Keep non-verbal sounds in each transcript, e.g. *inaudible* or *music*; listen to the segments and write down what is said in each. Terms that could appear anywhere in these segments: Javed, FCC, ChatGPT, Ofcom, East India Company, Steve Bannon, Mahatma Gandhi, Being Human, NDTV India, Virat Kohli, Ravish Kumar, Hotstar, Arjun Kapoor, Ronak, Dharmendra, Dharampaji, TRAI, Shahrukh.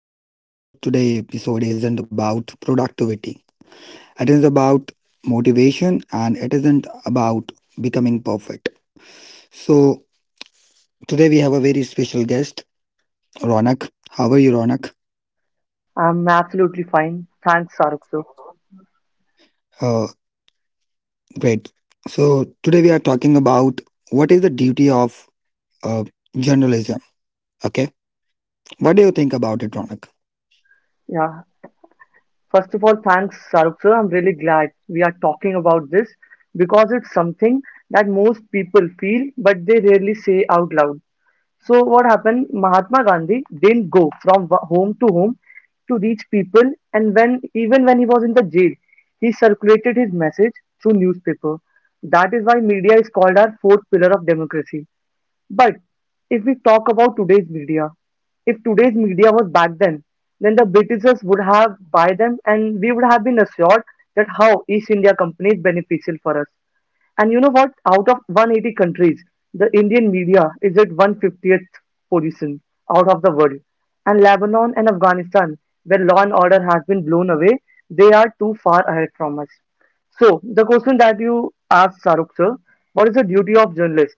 My name is Shahrukh. Today episode isn't about productivity. It is about motivation, and it isn't about becoming perfect. So today we have a very special guest, Ronak. How are you, Ronak? I'm absolutely fine. Thanks, Saruk sir. Uh, great. So today we are talking about what is the duty of uh, journalism. Okay, what do you think about it, Ronak? Yeah. First of all, thanks, Saruk sir. I'm really glad we are talking about this because it's something that most people feel but they rarely say out loud. So, what happened? Mahatma Gandhi didn't go from home to home to reach people, and when even when he was in the jail, he circulated his message through newspaper. That is why media is called our fourth pillar of democracy. But if we talk about today's media, if today's media was back then the Britishers would have buy them and we would have been assured that how East India Company is beneficial for us. And you know what? Out of 180 countries, the Indian media is at 150th position out of the world. And Lebanon and Afghanistan, where law and order has been blown away, they are too far ahead from us. So, the question that you asked, Saruk sir, what is the duty of journalist?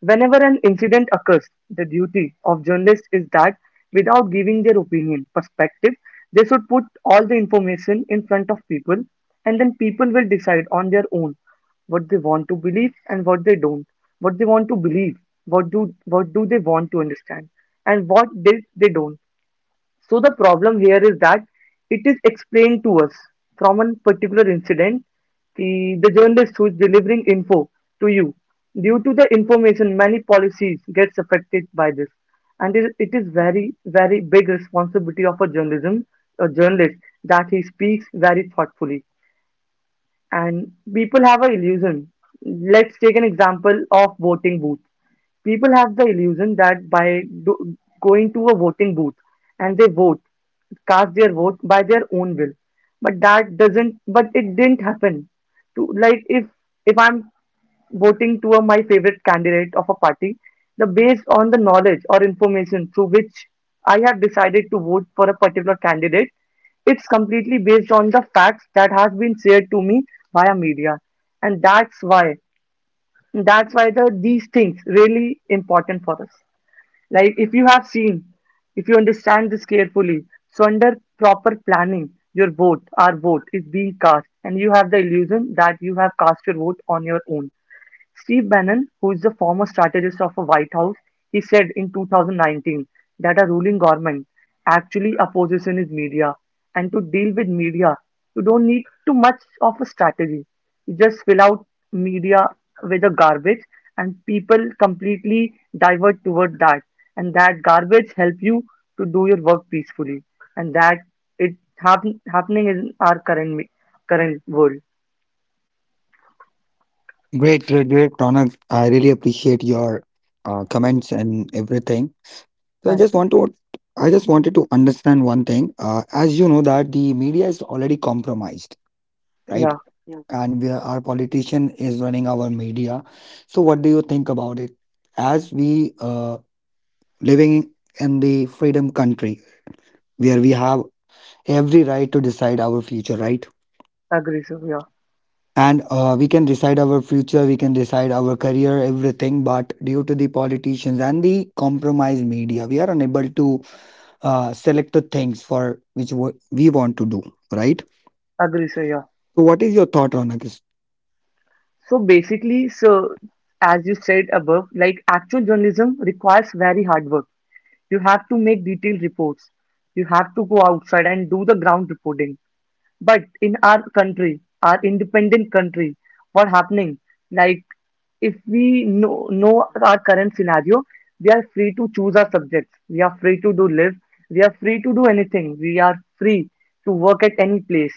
Whenever an incident occurs, the duty of journalists is that without giving their opinion, perspective, they should put all the information in front of people and then people will decide on their own what they want to believe and what they don't, what they want to believe, what do they want to understand and what they don't. So the problem here is that it is explained to us from a particular incident. The journalist who is delivering info to you. Due to the information, many policies gets affected by this, and it is very very big responsibility of a journalist that he speaks very thoughtfully. And people have a illusion. Let's take an example of voting booth. People have the illusion that by going to a voting booth and they vote, cast their vote by their own will, but that doesn't. But it didn't happen. To like if I'm voting to my favorite candidate of a party, the based on the knowledge or information through which I have decided to vote for a particular candidate, it's completely based on the facts that has been shared to me via media, and that's why these things really important for us. Like if you have seen, if you understand this carefully, so under proper planning, your vote, our vote is being cast, and you have the illusion that you have cast your vote on your own. Steve Bannon, who is the former strategist of the White House, he said in 2019 that a ruling government actually opposes in is media, and to deal with media, you don't need too much of a strategy. You just fill out media with the garbage, and people completely divert toward that, and that garbage help you to do your work peacefully, and that happening in our current world. Great, great, great, Ronak. I really appreciate your comments and everything. So I just Thank want you. to, I just wanted to understand one thing. As you know that the media is already compromised, right? Yeah, Yeah. And our politician is running our media. So what do you think about it? As we living in the freedom country where we have every right to decide our future, right? agree, sir. Yeah, And we can decide our future, we can decide our career, everything. But due to the politicians and the compromised media, we are unable to selected things for which we want to do, right? agree, sir. Yeah. So, what is your thought, Ronak? Is So basically, so as you said above, like actual journalism requires very hard work. You have to make detailed reports. You have to go outside and do the ground reporting. But in our country, our independent country, what happening? Like if we know our current scenario, we are free to choose our subjects. We are free to do live. We are free to do anything. We are free to work at any place.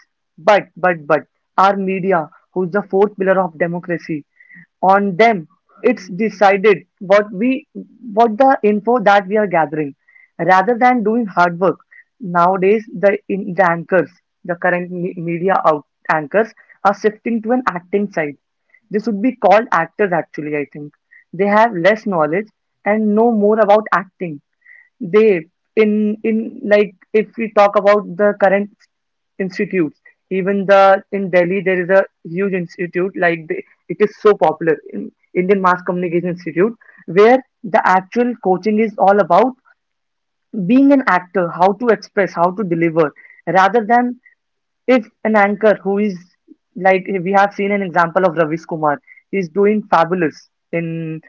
But our media, who's the fourth pillar of democracy, on them it's decided what we what the info that we are gathering rather than doing hard work nowadays, the in the anchors, the media out anchors, are shifting to an acting side. They should be called actors actually, I think. They have less knowledge and know more about acting. They in in like if we talk about the current institutes. Even the in Delhi there is a huge institute like it is so popular in Indian Mass Communication Institute where the actual coaching is all about being an actor, how to express, how to deliver, rather than if an anchor who is like we have seen an example of Ravish Kumar. He's doing fabulous in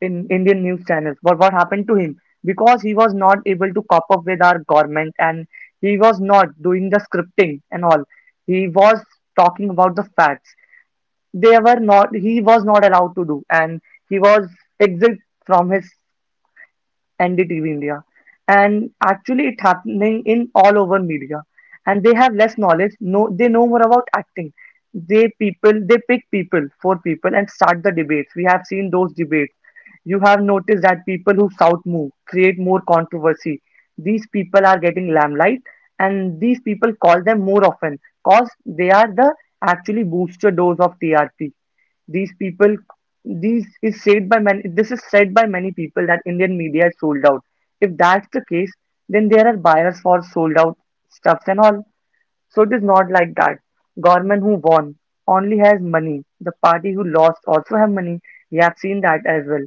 in Indian news channels. But what happened to him? Because he was not able to cop up with our government and he was not doing the scripting and all. He was talking about the facts. They were not he was not allowed to do, and he was exiled from his NDTV India. And actually, it happening in all over media. And they have less knowledge. No, they know more about acting. They people, they pick people, for people, and start the debates. We have seen those debates. You have noticed that people who shout more create more controversy. These people are getting limelight, and these people call them more often because they are the actually booster dose of TRP. These people, these is said by many this is said by many people that Indian media is sold out. If that's the case, then there are buyers for sold out stuffs and all. So it is not like that. Government who won only has money. The party who lost also have money. We have seen that as well.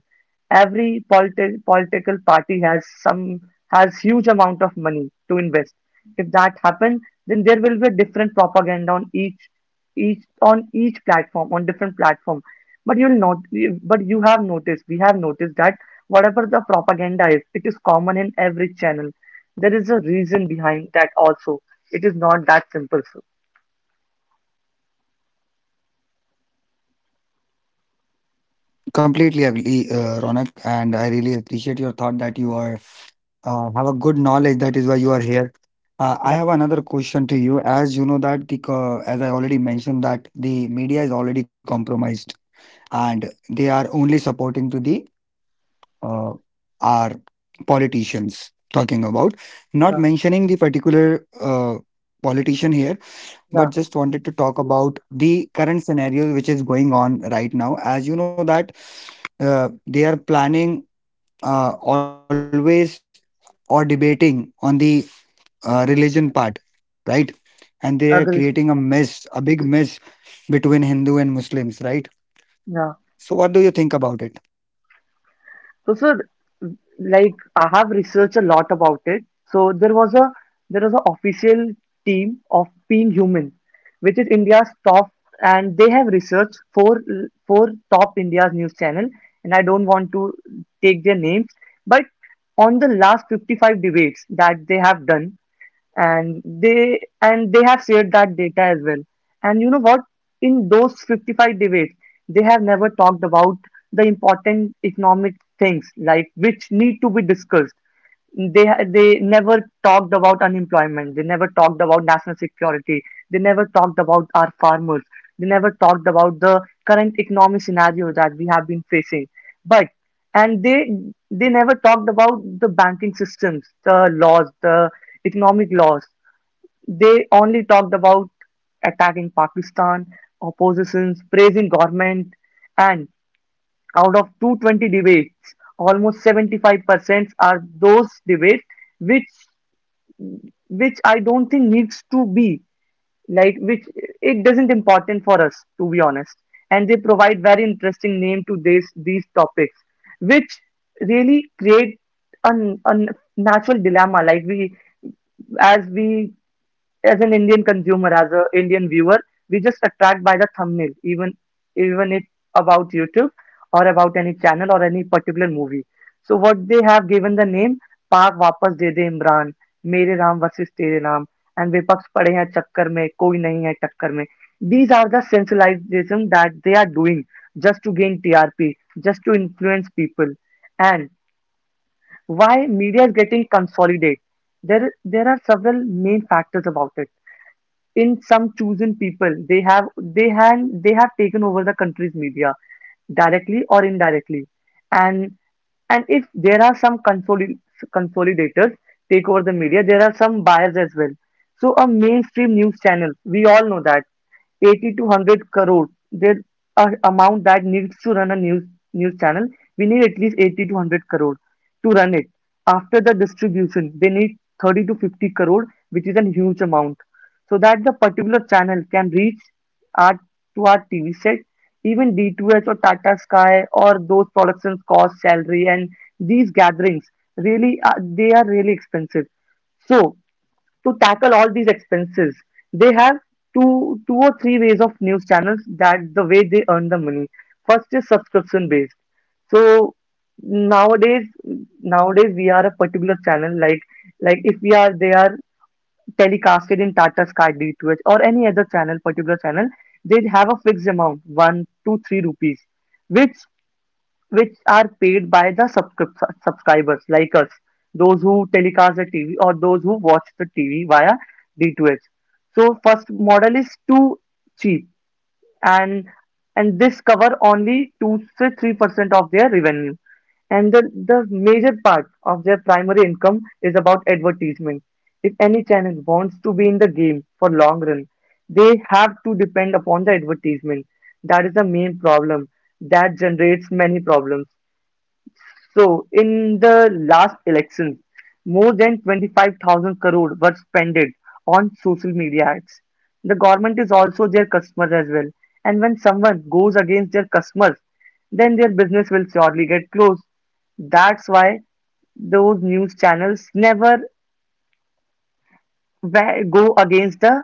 Every political party has some has huge amount of money to invest. If that happens, then there will be a different propaganda on each on each platform on different platform. But you'll not. But you have noticed. We have noticed that whatever the propaganda is, it is common in every channel. There is a reason behind that also. It is not that simple, sir. completely agree, Ronak, and I really appreciate your thought that you are have a good knowledge. That is why you are here. I Yeah, have another question to you. As you know that the as I already mentioned that the media is already compromised, and they are only supporting to the uh, our politicians, talking about not yeah, mentioning the particular politician here, yeah. but just wanted to talk about the current scenario which is going on right now. As you know that they are planning always or debating on the religion part, right? And they are creating a Agree, mess, sir. a big mess between Hindu and Muslims, right? So, what do Yeah. you think about it? So, sir, like I have researched a lot about it. So there was an official team of Being Human, which is India's top, and they have researched four top India's news channel. And I don't want to take their names, but on the last 55 debates that they have done, and they have shared that data as well. And you know what, in those 55 debates they have never talked about the important economic things like which need to be discussed. They never talked about unemployment. They never talked about national security. They never talked about our farmers. They never talked about the current economic scenario that we have been facing. But and they never talked about the banking systems, the laws, the economic laws. They only talked about attacking Pakistan, oppositions praising government. And out of 220 debates, almost 75% are those debates which which I don't think needs to be, like which, it doesn't important for us to be honest. And they provide very interesting name to this these topics, which really create a, a natural dilemma. Like we as an Indian consumer, as an Indian viewer, we just attract by the thumbnail, even even it about YouTube or about any channel or any particular movie. So what they have given the name Paak Wapas De De Imran, Mere Ram versus Tere Ram, and Vipaks Pade Hain Chakkar Mein, Koi Nahi Hai Chakkar Mein. These are the sensationalism that they are doing just to gain TRP, just to influence people. And why media is getting consolidated? There are several main factors about it. In some chosen people, they have they have taken over the country's media directly or indirectly. and and if there are some consolidators take over the media, there are some buyers as well. So a mainstream news channel, we all know that 80 to 100 crore there, a amount that needs to run a news channel. We need at least 80 to 100 crore to run it. After the distribution, they need 30 to 50 crore, which is a huge amount, so that the particular channel can reach our to our TV set, even D2H or Tata Sky, or those productions cost salary, and these gatherings really are, they are really expensive. So, to tackle all these expenses, they have two or three ways of news channels that the way they earn the money. First is subscription based. So nowadays nowadays we are a particular channel, like if we are they are telecasted in Tata Sky D2H or any other channel, particular channel, they have a fixed amount, 1 2 3 rupees, which which are paid by the subscribers like us, those who telecast the TV or those who watch the TV via D2H. So first model is too cheap, and and this cover only 2 to 3% of their revenue. And the major part of their primary income is about advertisement. If any channel wants to be in the game for long run, they have to depend upon the advertisement. That is the main problem. That generates many problems. So, in the last election, more than 25,000 crore were spent on social media ads. The government is also their customer as well. And when someone goes against their customers, then their business will surely get closed. That's why those news channels never go against the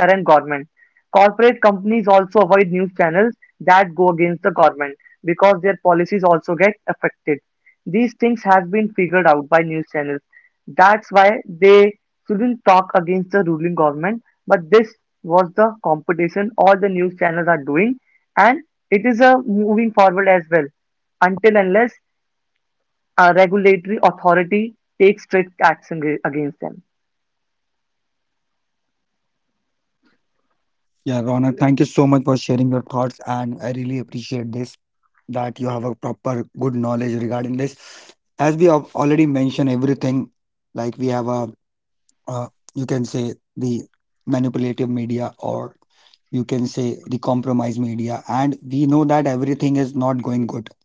current government. Corporate companies also avoid news channels that go against the government because their policies also get affected. These things have been figured out by news channels. That's why they shouldn't talk against the ruling government. But this was the competition all the news channels are doing, and it is a moving forward as well until unless a regulatory authority takes strict action against them. Yeah, Ronak, thank you so much for sharing your thoughts, and I really appreciate this that you have a proper good knowledge regarding this. As we have already mentioned everything, like we have a uh, you can say the manipulative media, or you can say the compromise media, and we know that everything is not going good.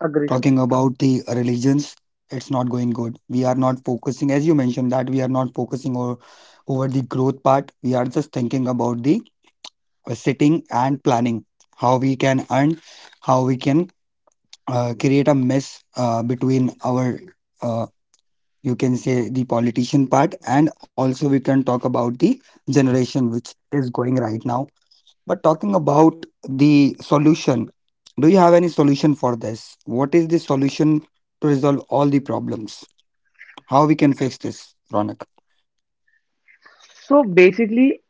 Agree. Talking about the religions, it's not going good. We are not focusing, as you mentioned, that we are not focusing over the growth part. We are just thinking about the sitting and planning how we can earn, how we can create a mess between our uh, you can say the politician part, and also we can talk about the generation which is going right now. But talking about the solution, do you have any solution for this? What is the solution to resolve all the problems? How we can fix this, Ronak? So basically,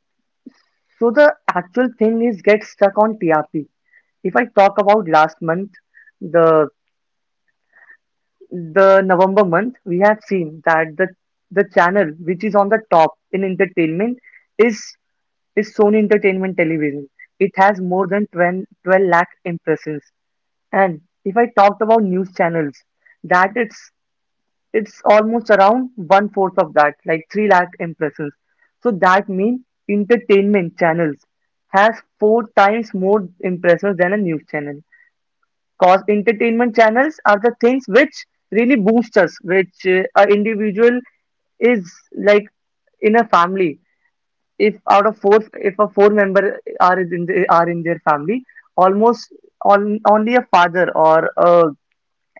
so the actual thing is get stuck on TRP. If I talk about last month, the the November month, we have seen that the channel which is on the top in entertainment is is Sony Entertainment Television. It has more than twelve lakh impressions. And if I talked about news channels, that it's almost around one fourth of that, like three lakh impressions. So that means entertainment channels has four times more impressions than a news channel. Cause entertainment channels are the things which really boost us, which a individual is like in a family, if a four-member are in the, are in their family, almost only a father or a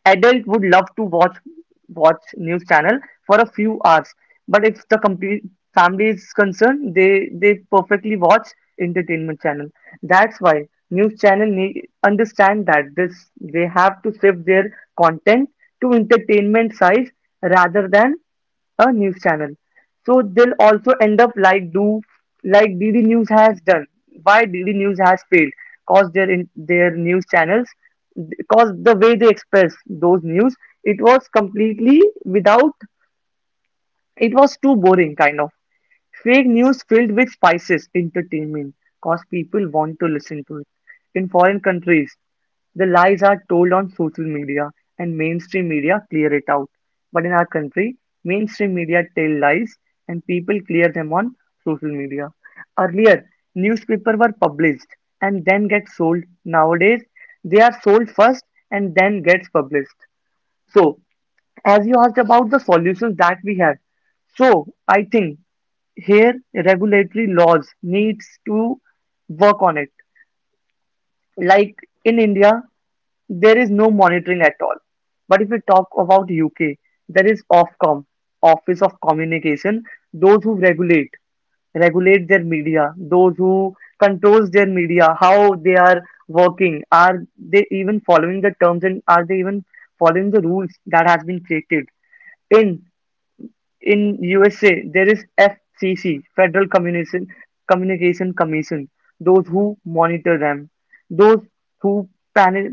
adult would love to watch news channel for a few hours, but if the complete family is concerned, they perfectly watch entertainment channel. That's why news channel understand that this they have to shift their content to entertainment size rather than a news channel. So they'll also end up like DD News has done. Why DD News has failed? Cause their news channels, cause the way they express those news, it was completely without. It was too boring, kind of. Fake news filled with spices (entertainment), cause people want to listen to it. In foreign countries, the lies are told on social media and mainstream media clear it out. But in our country, mainstream media tell lies and people clear them on social media. Earlier, newspapers were published and then get sold. Nowadays, they are sold first and then gets published. So, as you asked about the solutions that we have, so I think here regulatory laws needs to work on it, like in India there is no monitoring at all. But if we talk about UK, there is Ofcom, Office of Communication, those who regulate their media, those who controls their media, how they are working, are they even following the terms, and are they even following the rules that has been created. In in USA there is FCC, Federal Communication Commission, those who monitor them, those who panel,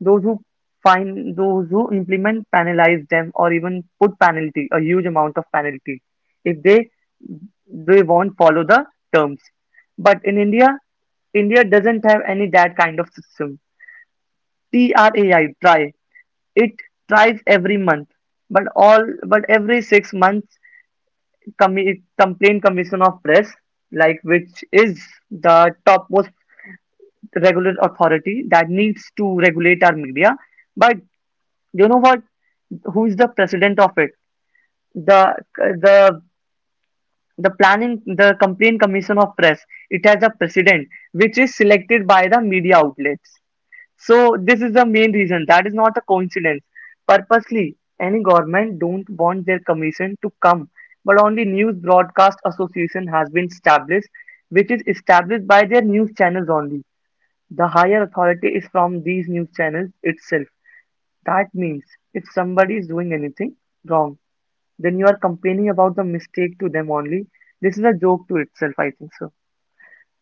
those who find, those who implement, penalize them or even put penalty, a huge amount of penalty, if they won't follow the terms. But in India, India doesn't have any that kind of system. TRAI try it tries every month, but all but every 6 months, complaint commission of press, like which is the topmost regular authority that needs to regulate our media, but you know what, who is the president of it? The the the planning the complaint commission of press, it has a president which is selected by the media outlets. So this is the main reason. That is not a coincidence. Purposely any government don't want their commission to come, but only news broadcast association has been established, which is established by their news channels only. The higher authority is from these news channels itself. That means if somebody is doing anything wrong, then you are complaining about the mistake to them only. This is a joke to itself, I think so.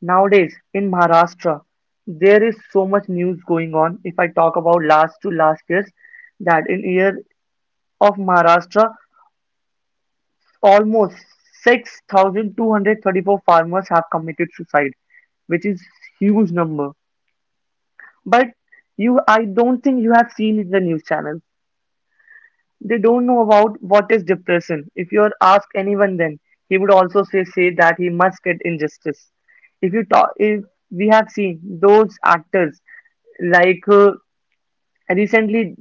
Nowadays, in Maharashtra, there is so much news going on. If I talk about last to last years, that in year of Maharashtra, almost 6,234 farmers have committed suicide, which is huge number. But I don't think you have seen in the news channels. They don't know about what is depression. If you ask anyone, then he would also say that he must get injustice. If you talk, If we have seen those actors. like uh, Recently,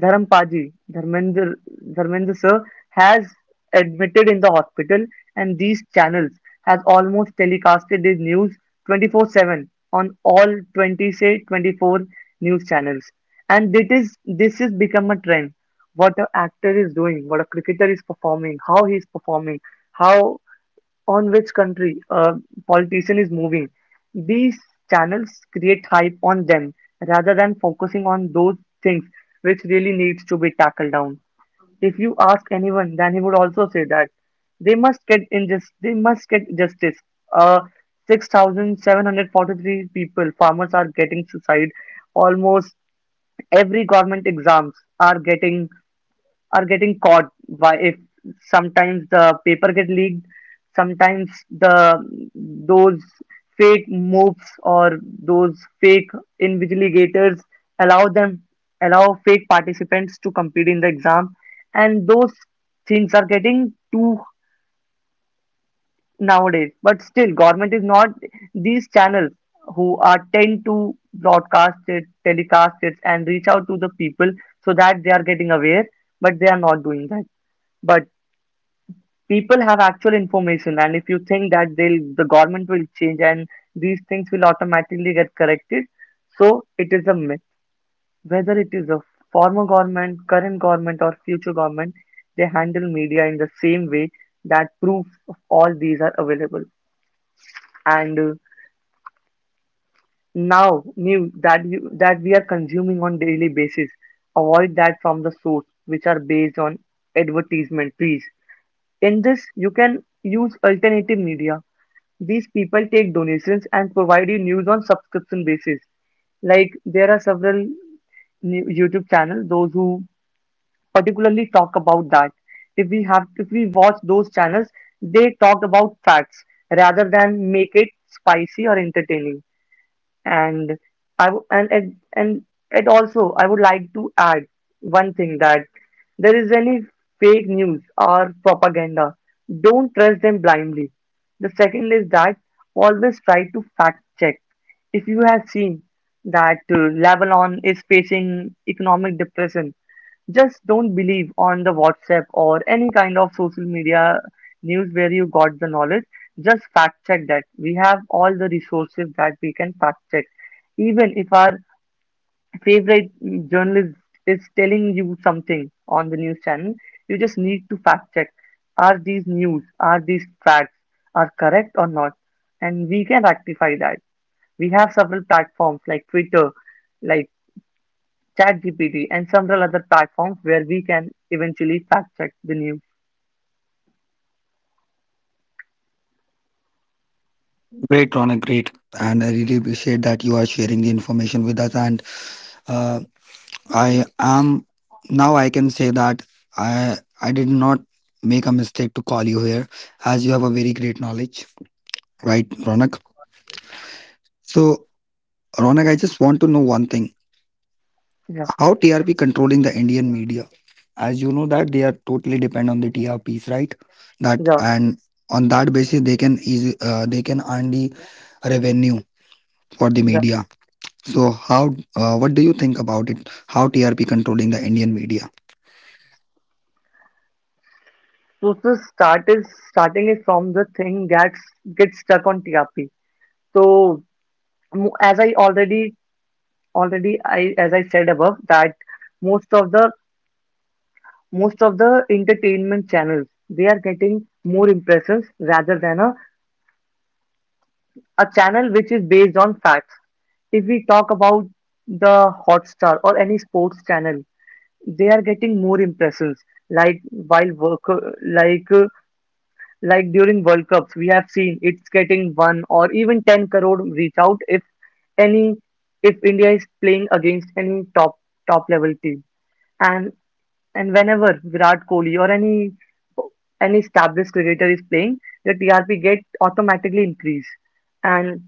Dharampaji, Dharmendra, Dharmendra sir, has admitted in the hospital, and these channels has almost telecasted his news 24/7 on all 20, say, 24 news channels. And it is this is become a trend. What a actor is doing, what a cricketer is performing, how he is performing, how on which country a politician is moving. These channels create hype on them rather than focusing on those things which really needs to be tackled down. If you ask anyone, then he would also say that they must get injustice. They must get justice. Uh, 6,743 people, farmers are getting suicide. Almost every government exams are getting are getting caught by, if sometimes the paper get leaked, sometimes the those fake moves or those fake invigilators allow them allow fake participants to compete in the exam, and those things are getting too nowadays, but still government is not, these channels who are tend to broadcast it, telecast it and reach out to the people so that they are getting aware, but they are not doing that. But people have actual information, and if you think that the government will change and these things will automatically get corrected, so it is a myth. Whether it is a former government, current government or future government, they handle media in the same way, that proof of all these are available. And now new that we are consuming on daily basis, avoid that from the source which are based on advertisement, please. In this you can use alternative media. These people take donations and provide you news on subscription basis, like there are several new YouTube channels, those who particularly talk about that. If we have if we watch those channels, they talk about facts rather than make it spicy or entertaining. And I w- and it also, I would like to add one thing. That, there is any fake news or propaganda, don't trust them blindly. The second is that always try to fact check. If you have seen that Lebanon is facing economic depression, just don't believe on the WhatsApp or any kind of social media news where you got the knowledge. Just fact check that. We have all the resources that we can fact check. Even if our favorite journalist is telling you something on the news channel, you just need to fact check. Are these news, are these facts, are correct or not? And we can rectify that. We have several platforms like Twitter, like. ChatGPT, and several other platforms where we can eventually fact check the news. Great, Ronak, great. And I really appreciate that you are sharing the information with us. And uh, I am now I can say that i I did not make a mistake to call you here, as you have a very great knowledge, right, Ronak? So, Ronak, I just want to know one thing. Yeah, How TRP controlling the Indian media? As you know that they are totally depend on the TRPs, right? That yeah, and on that basis they can easy they can earn the revenue for the yeah. media. So how what do you think about it? How TRP controlling the Indian media? So the starting is from the thing gets stuck on TRP. So mo- as I already already I as I said above that most of the most of the entertainment channels, they are getting more impressions rather than a channel which is based on facts. If we talk about the Hotstar or any sports channel, they are getting more impressions, like while work like uh, like during world cups we have seen it's getting 1 or even 10 crore reach out, if any if India is playing against any top level team. And and whenever Virat Kohli or any established cricketer is playing, the TRP get automatically increased, and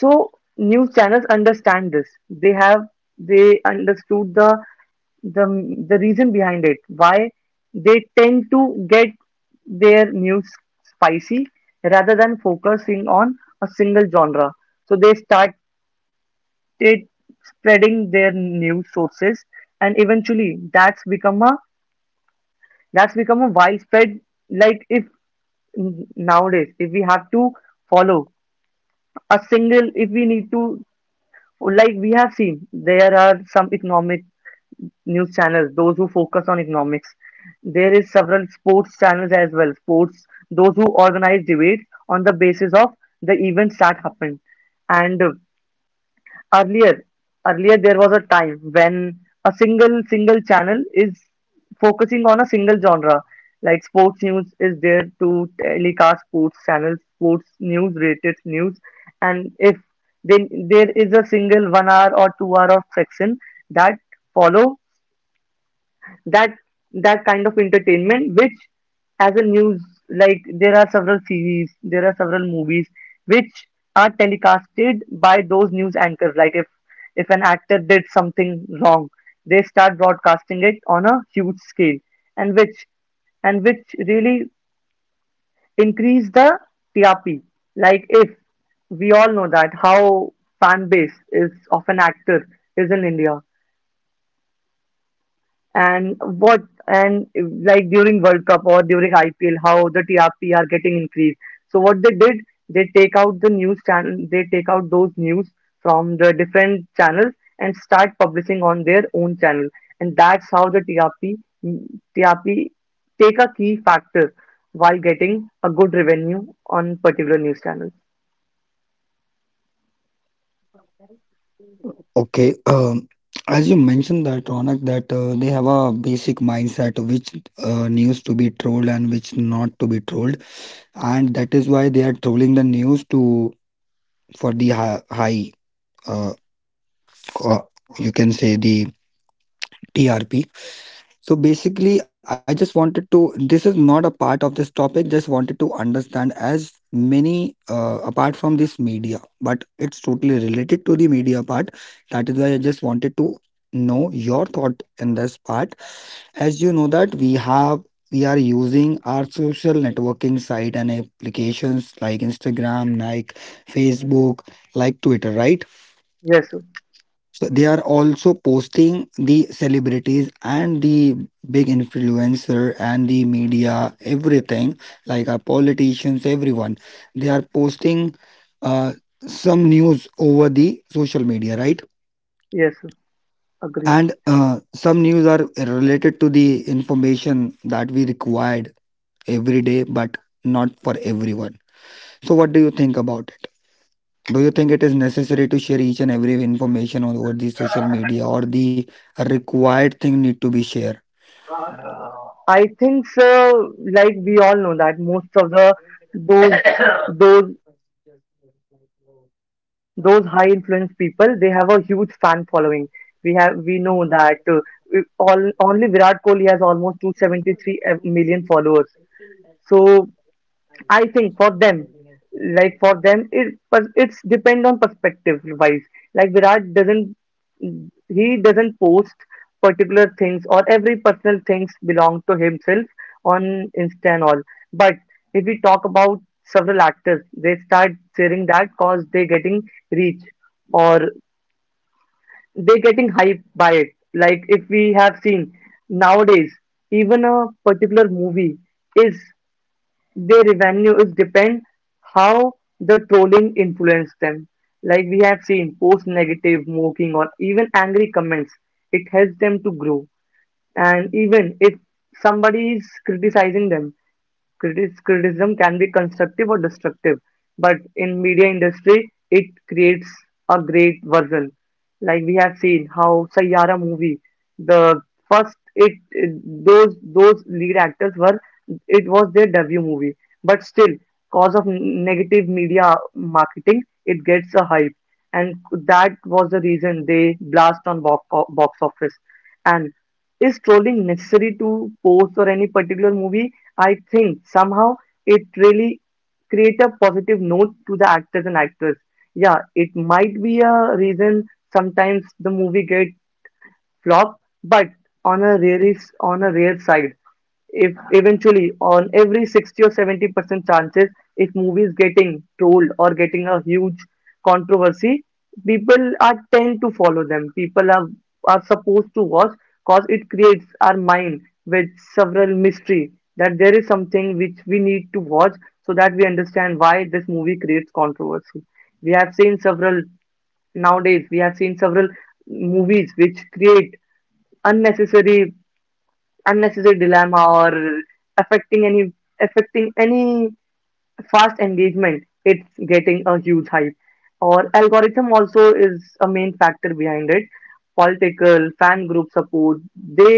so news channels understand this. They understood the the reason behind it. Why they tend to get their news spicy rather than focusing on a single genre. So they started spreading their news sources, and eventually that's become a widespread. Like, if nowadays, if we have to follow a single if we need to, like we have seen, there are some economic news channels, those who focus on economics. There is several sports channels as well, sports, those who organize debates on the basis of the events that happened. And Earlier, earlier, there was a time when a single channel is focusing on a single genre. Like, sports news is there to telecast sports channels, sports news, rated news, and if then there is a single 1 hour or 2 hour of section that follow that, that kind of entertainment which as a news, like there are several series, there are several movies which are telecasted by those news anchors. Like, if an actor did something wrong, they start broadcasting it on a huge scale, and which and which really increase the TRP. Like, if we all know that how fan base is of an actor is in India. and what and like during World Cup or during IPL, how the TRP are getting increased. So what they did, they take out the news channel, they take out those news from the different channels and start publishing on their own channel, and that's how the TRP take a key factor while getting a good revenue on particular news channels. Okay, as you mentioned that, Ronak, that they have a basic mindset of which news to be trolled and which not to be trolled, and that is why they are trolling the news to for the high uh, co- you can say the TRP. So basically, I just wanted to. This is not a part of this topic. Just wanted to understand as many apart from this media, but it's totally related to the media part. That is why I just wanted to know your thought in this part. As you know that we are using our social networking site and applications like Instagram, like Facebook, like Twitter, right? Yes, sir. So they are also posting the celebrities and the big influencer and the media, everything, like our politicians, everyone. They are posting uh, some news over the social media, right? Yes, sir, agree. And some news are related to the information that we required every day, but not for everyone. So what do you think about? Do you think it is necessary to share each and every information over the social media, or the required thing need to be shared? I think so. Like we all know that most of the those *coughs* those those high influence people they have a huge fan following we know that all, only virat kohli has almost 273 million followers. So I think for them, like for them, it's depend on perspective wise. Like Virat doesn't, he doesn't post particular things or every personal things belong to himself on Insta and all. But if we talk about several actors, they start sharing that cause they getting reach or they getting hyped by it. Like if we have seen nowadays, even a particular movie is their revenue is depend how the trolling influence them. Like we have seen, post negative, mocking, or even angry comments. It helps them to grow. And even if somebody is criticizing them, criticism can be constructive or destructive, but in media industry it creates a great version. Like we have seen how sayara movie the first it, it those lead actors were, it was their debut movie, but still cause of negative media marketing it gets a hype, and that was the reason they blast on box office. And is trolling necessary to post or any particular movie? I think somehow it really create a positive note to the actors and actress. Yeah, it might be a reason sometimes the movie get flop, but on a rare on a rare side, if eventually on every 60 or 70% chances, if movie is getting trolled or getting a huge controversy, people are tend to follow them. People are supposed to watch because it creates our mind with several mystery that there is something which we need to watch so that we understand why this movie creates controversy. We have seen several Nowadays we have seen several movies which create unnecessary unnecessary dilemma or affecting any affecting any fast engagement. It's getting a huge hype, or algorithm also is a main factor behind it. Political fan group support, they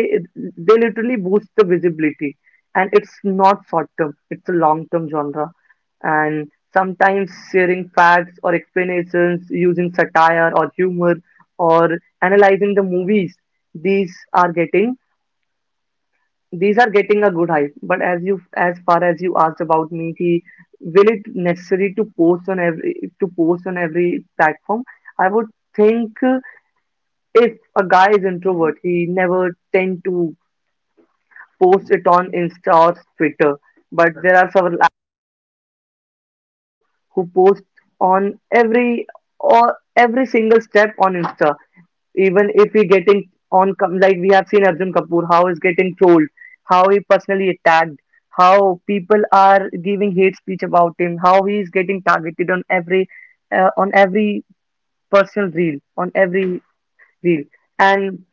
they literally boost the visibility, and it's not short term, it's a long term genre. And sometimes sharing facts or explanations using satire or humor or analyzing the movies, these are getting a good hype. But as far as you asked about me ki, will it necessary to post on every platform, I would think if a guy is introvert he never tend to post it on insta or twitter, but there are several who posts on every or every single step on Insta. Even if he getting on com- like we have seen Arjun Kapoor how he's getting trolled, how he personally attacked, how people are giving hate speech about him, how he is getting targeted on every personal reel, on every real. And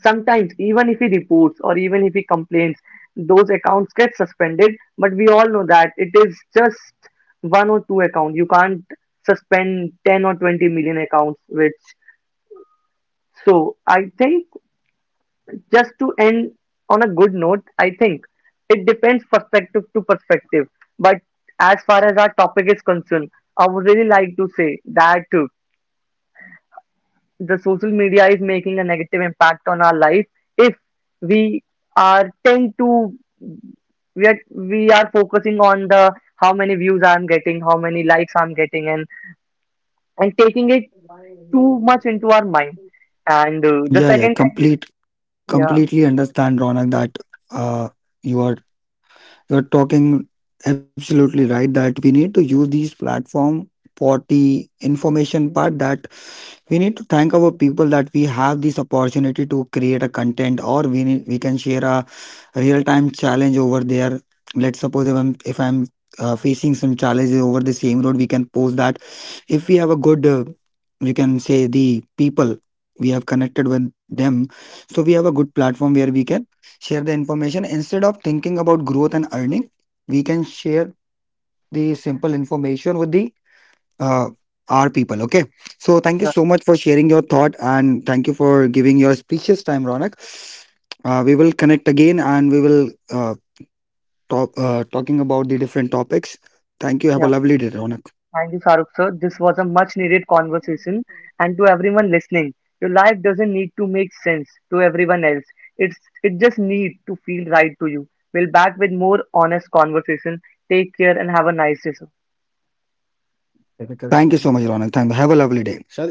sometimes even if he reports or even if he complains, those accounts get suspended. But we all know that it is just one or two accounts, you can't suspend 10 or 20 million accounts which. So I think, just to end on a good note, I think it depends perspective to perspective, but as far as our topic is concerned, I would really like to say that the social media is making a negative impact on our life if we are tend to we are focusing on the how many views I'm getting, how many likes I'm getting, and taking it too much into our mind. And the Yeah, yeah, second thing is complete, yeah completely understand, Ronak, that uh, you are you are talking absolutely right. That we need to use these platform for the information part. That we need to thank our people that we have this opportunity to create a content, or we can share a real time challenge over there. Let's suppose if I'm facing some challenges over the same road, we can post that. If we have a good you can say the people we have connected with them, so we have a good platform where we can share the information instead of thinking about growth and earning. We can share the simple information with the uh, our people. Okay, so thank you yeah so much for sharing your thought, and thank you for giving your precious time, Ronak. We will connect again, and we will talking about the different topics. Thank you. Have yeah. a lovely day, Ronak. Thank you, Farooq sir. This was a much needed conversation. And to everyone listening, your life doesn't need to make sense to everyone else. It's it just need to feel right to you. We'll back with more honest conversation. Take care and have a nice day, sir. Thank you so much, Ronak. Thank you. Have a lovely day.